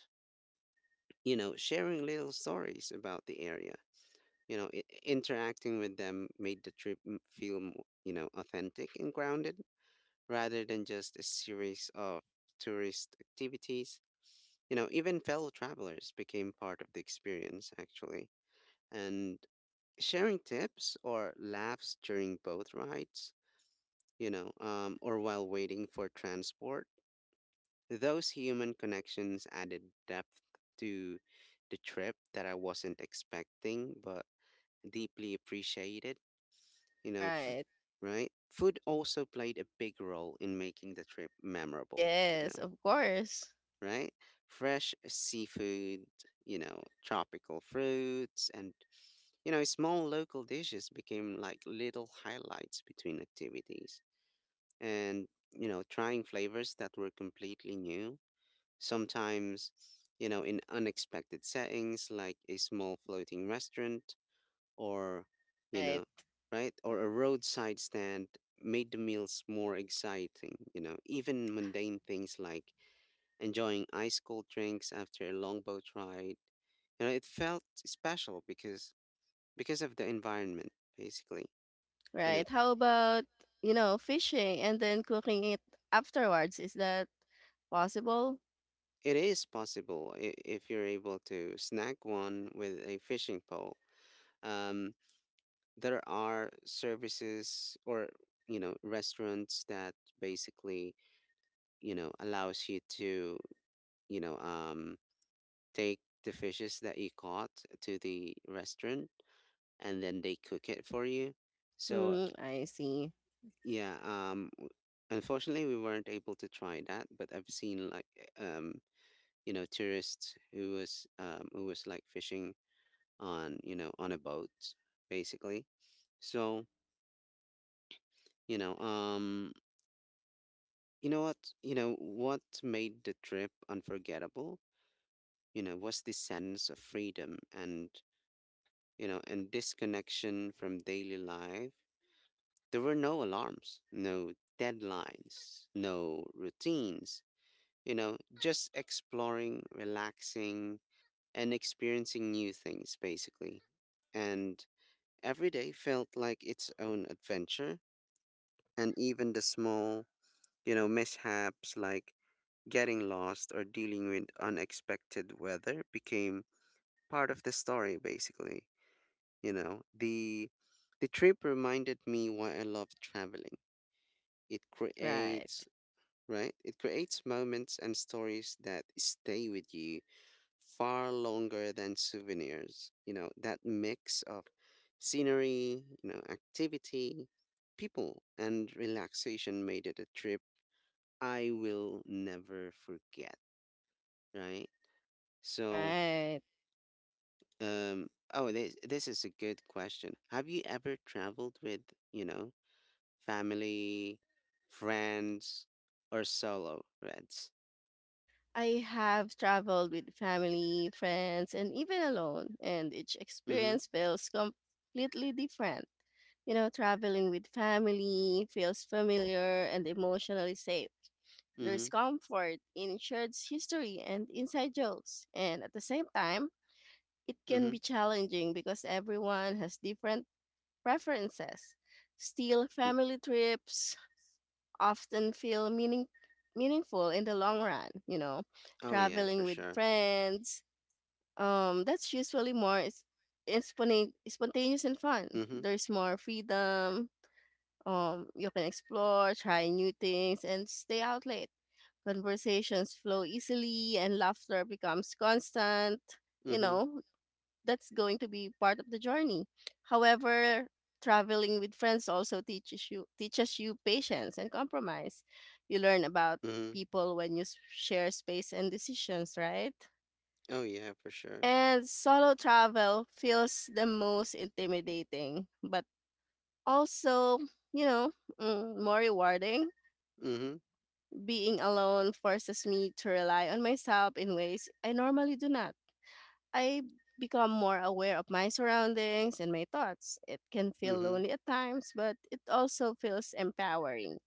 Speaker 1: you know, sharing little stories about the area. You know, interacting with them made the trip feel you know, authentic and grounded, rather than just a series of tourist activities. You know, even fellow travelers became part of the experience, actually. And sharing tips or laughs during boat rides, you know, or while waiting for transport, those human connections added depth to the trip that I wasn't expecting, but deeply appreciated, you
Speaker 2: [laughs]
Speaker 1: know, f-
Speaker 2: Right.
Speaker 1: right? Food also played a big role in making the trip memorable, you
Speaker 2: Yes,
Speaker 1: know.
Speaker 2: of course.
Speaker 1: Right? Fresh seafood, you know, tropical fruits, and, you know, small local dishes became like little highlights between activities. And, you know, trying flavors that were completely new, sometimes, you know, in unexpected settings like a small floating restaurant or, you
Speaker 2: Right,
Speaker 1: know, right? Or a roadside stand made the meals more exciting, you know, even mundane things like enjoying ice cold drinks after a long boat ride. You know, it felt special because of the environment, basically. You know,
Speaker 2: right. How about, you know, fishing and then cooking it afterwards? Is that possible?
Speaker 1: it is possible if you're able to snag one with a fishing pole. Um, there are services or, you know, restaurants that basically, you know, allows you to, you know um, take the fishes that you caught to the restaurant, and then they cook it for you. So
Speaker 2: Mm, I see.
Speaker 1: Yeah, um, w- unfortunately, we weren't able to try that, but I've seen like eh, um, you know, tourists who was like fishing on, you know, on a boat, basically. So, you know, um, you know, what made the trip unforgettable, you know, was the sense of freedom and, you know, and disconnection from daily life. There were no alarms, no deadlines, no routines, you know, just exploring, relaxing, and experiencing new things, basically. And every day felt like its own adventure. And even the small, you know, mishaps like getting lost or dealing with unexpected weather became part of the story, basically. You know, the trip reminded me why I love traveling. It creates,
Speaker 2: Right,
Speaker 1: right? It creates moments and stories that stay with you far longer than souvenirs. You know, that mix of scenery, you know, activity, people, and relaxation made it a trip I will never forget, right? So,
Speaker 2: right.
Speaker 1: oh, this is a good question. Have you ever traveled with, you know, family, friends, or solo, Reds?
Speaker 2: I have traveled with family, friends, and even alone, and each
Speaker 1: Mm
Speaker 2: experience feels completely different. You know, traveling with family feels familiar and emotionally safe.
Speaker 1: hmm,
Speaker 2: There's
Speaker 1: mm
Speaker 2: comfort in shared history and inside jokes, and at the same time, it
Speaker 1: hmm,
Speaker 2: can be
Speaker 1: mm
Speaker 2: challenging because everyone has different preferences. Still,
Speaker 1: hmm.
Speaker 2: family trips often feel meaningful in the long run, you know.
Speaker 1: Oh, yeah,
Speaker 2: Traveling
Speaker 1: for
Speaker 2: with
Speaker 1: sure.
Speaker 2: friends, that's usually more is spontaneous and fun.
Speaker 1: Mm hmm,
Speaker 2: There's more freedom. Um, you can explore, try new things and stay out late. Conversations flow easily and laughter becomes constant,
Speaker 1: mm
Speaker 2: you
Speaker 1: hmm,
Speaker 2: know, that's going to be part of the journey. However, traveling with friends also teaches you patience and compromise. You learn about
Speaker 1: mm hmm.
Speaker 2: people when you share space and decisions, right?
Speaker 1: Oh, yeah, for sure.
Speaker 2: And solo travel feels the most intimidating, but also, you know, more rewarding.
Speaker 1: Mhm.
Speaker 2: Being alone forces me to rely on myself in ways I normally do not. I become more aware of my surroundings and my thoughts. It can feel
Speaker 1: Mhm.
Speaker 2: lonely at times, but it also feels empowering.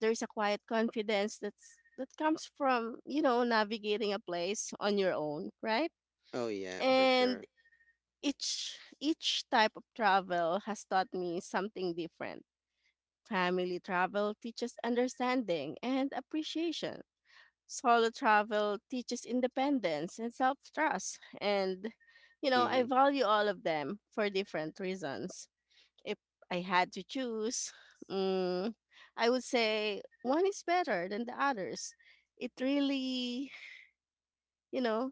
Speaker 2: There's a quiet confidence that comes from, navigating a place on your own, right?
Speaker 1: Oh yeah, for
Speaker 2: And
Speaker 1: sure.
Speaker 2: each type of travel has taught me something different. Family travel teaches understanding and appreciation. Solo travel teaches independence and self trust. And, you know, I
Speaker 1: Mhm.
Speaker 2: value all of them for different reasons. If I had to choose, mm, I would say one is better than the others. It really, you know,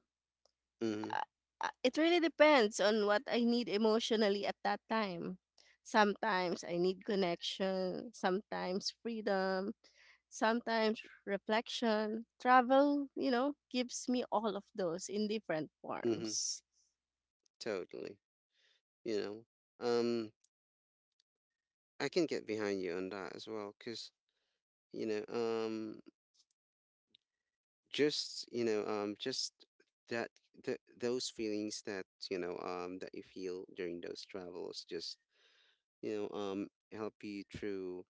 Speaker 1: Mhm.
Speaker 2: uh, it really depends on what I need emotionally at that time. Sometimes I need connection, sometimes freedom, sometimes reflection. Travel, you know, gives me all of those in different
Speaker 1: Mhm.
Speaker 2: forms.
Speaker 1: Totally. You know. Um I can get behind you on that as well cuz you know, just, you know, just that th- those feelings that, you know, that you feel during those travels just, you know, help you through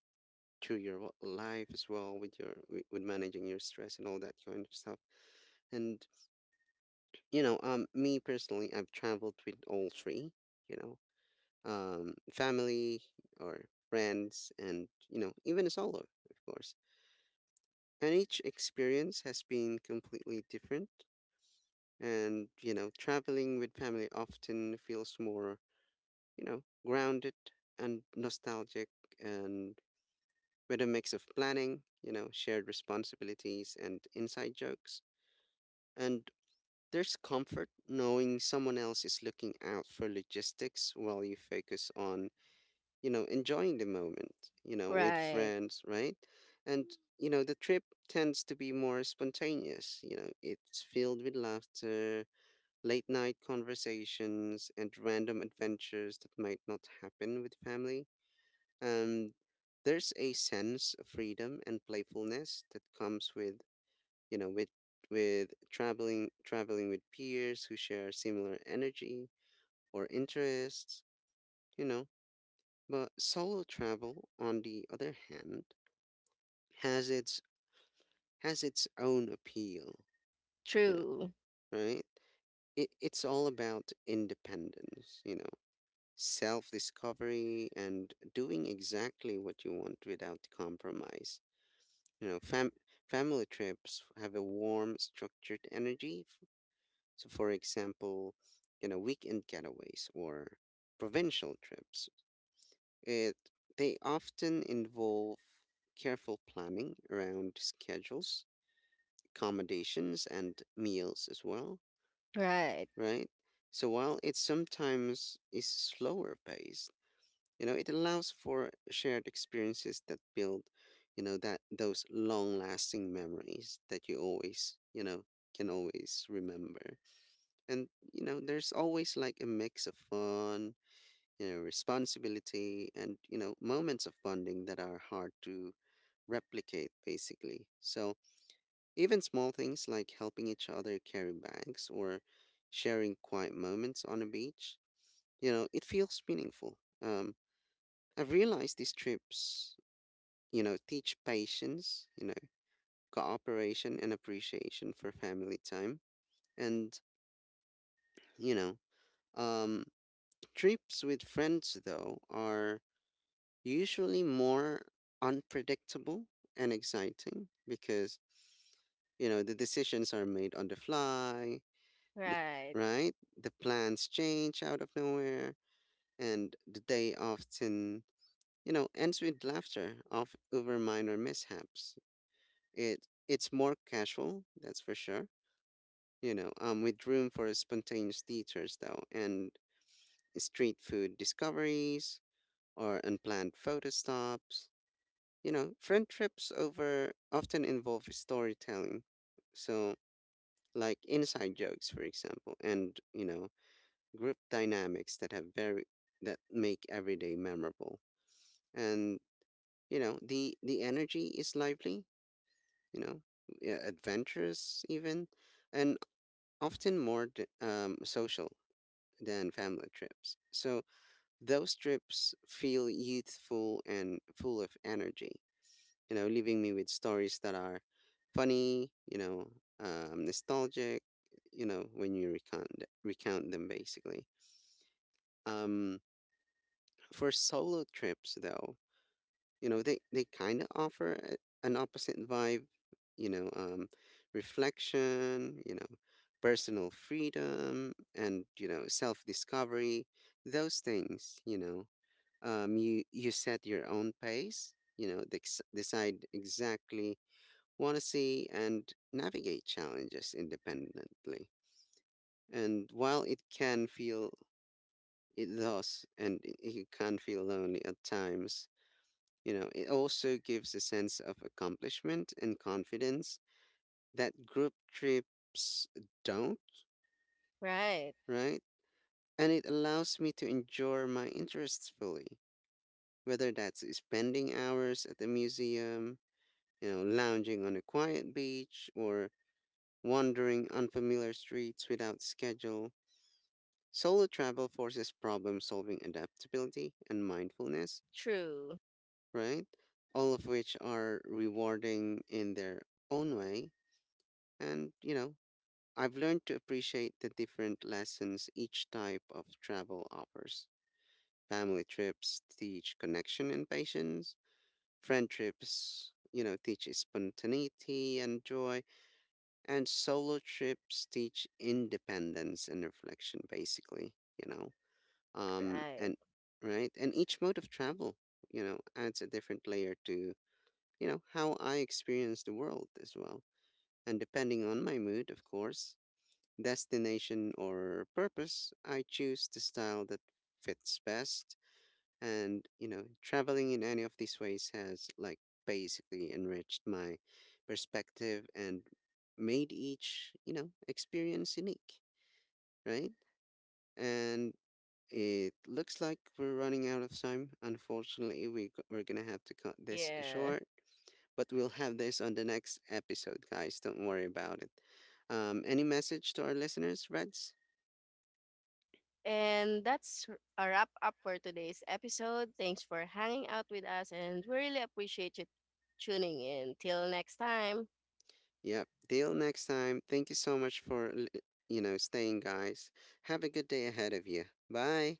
Speaker 1: through your wo- life as well with your with managing your stress and all that kind of stuff. And you know, me personally, I've traveled with all three, you know, family or friends, and you know, even solo, of course. And each experience has been completely different. And you know, traveling with family often feels more, you know, grounded and nostalgic, and with a mix of planning, you know, shared responsibilities, and inside jokes. And there's comfort knowing someone else is looking out for logistics while you focus on, you know, enjoying the moment, you know, with
Speaker 2: Right.
Speaker 1: friends, right? And, you know, the trip tends to be more spontaneous. You know, it's filled with laughter, late night conversations, and random adventures that might not happen with family. Um, there's a sense of freedom and playfulness that comes with, you know, with traveling with peers who share similar energy or interests, you know, but solo travel, on the other hand, has its has its own appeal, you know,
Speaker 2: True.
Speaker 1: right? It's all about independence, you know, self-discovery and doing exactly what you want without compromise. You know, fam Family trips have a warm, structured energy. So, for example, you know, weekend getaways or provincial trips. It They often involve careful planning around schedules, accommodations, and meals as well,
Speaker 2: Right.
Speaker 1: right? So while it sometimes is slower paced, you know, it allows for shared experiences that build, you know, that those long lasting memories that you always, you know, can always remember. And you know, there's always like a mix of fun, you know, responsibility and, you know, moments of bonding that are hard to replicate, basically. So even small things like helping each other carry bags or sharing quiet moments on a beach, you know, it feels meaningful. I've realized these trips, you know, teach patience, you know, cooperation and appreciation for family time. And, you know, um, trips with friends, though, are usually more unpredictable and exciting because you know the decisions are made on the fly, the
Speaker 2: Right.
Speaker 1: right the plans change out of nowhere and the day often, you know, ends with laughter of over minor mishaps. It's more casual, that's for sure, you know, with room for spontaneous theaters though and street food discoveries or unplanned photo stops. You know, friend trips over often involve storytelling. So, like inside jokes, for example, and, you know, group dynamics that have very that make every day memorable. And, you know, the energy is lively, you know, yeah, adventurous even, and often more social than family trips. So, those trips feel youthful and full of energy, you know, leaving me with stories that are funny, you know, nostalgic, you know, when you recount them basically. Um, for solo trips though, you know, they kind of offer a, an opposite vibe, you know, reflection, you know, personal freedom and, you know, self-discovery, those things, you know. You set your own pace, you know, decide exactly want to see and navigate challenges independently. And while it can feel, it does, and it you can feel lonely at times, you know, it also gives a sense of accomplishment and confidence that group trips don't,
Speaker 2: Right.
Speaker 1: right? And it allows me to enjoy my interests fully, whether that's spending hours at the museum, you know, lounging on a quiet beach, or wandering unfamiliar streets without schedule. Solo travel forces problem solving, adaptability and mindfulness,
Speaker 2: True.
Speaker 1: right? All of which are rewarding in their own way. And, you know, I've learned to appreciate the different lessons each type of travel offers. Family trips teach connection and patience, friend trips, you know, teach spontaneity and joy, and solo trips teach independence and reflection, basically, you know?
Speaker 2: Right.
Speaker 1: And Right, and each mode of travel, you know, adds a different layer to, you know, how I experience the world as well, and depending on my mood of course, destination or purpose I choose the style that fits best. And you know traveling in any of these ways has like basically enriched my perspective and made each, you know, experience unique, right? And it looks like we're running out of time. Unfortunately, we're going to have to cut this
Speaker 2: Yeah.
Speaker 1: short, but we'll have this on the next episode, guys. Don't worry about it. Any message to our listeners, Reds?
Speaker 2: And a wrap up for today's episode. Thanks for hanging out with us, and we really appreciate you tuning in. Till next time.
Speaker 1: Yep. Till next time. Thank you so much for, you know, staying, guys. Have a good day ahead of you. Bye.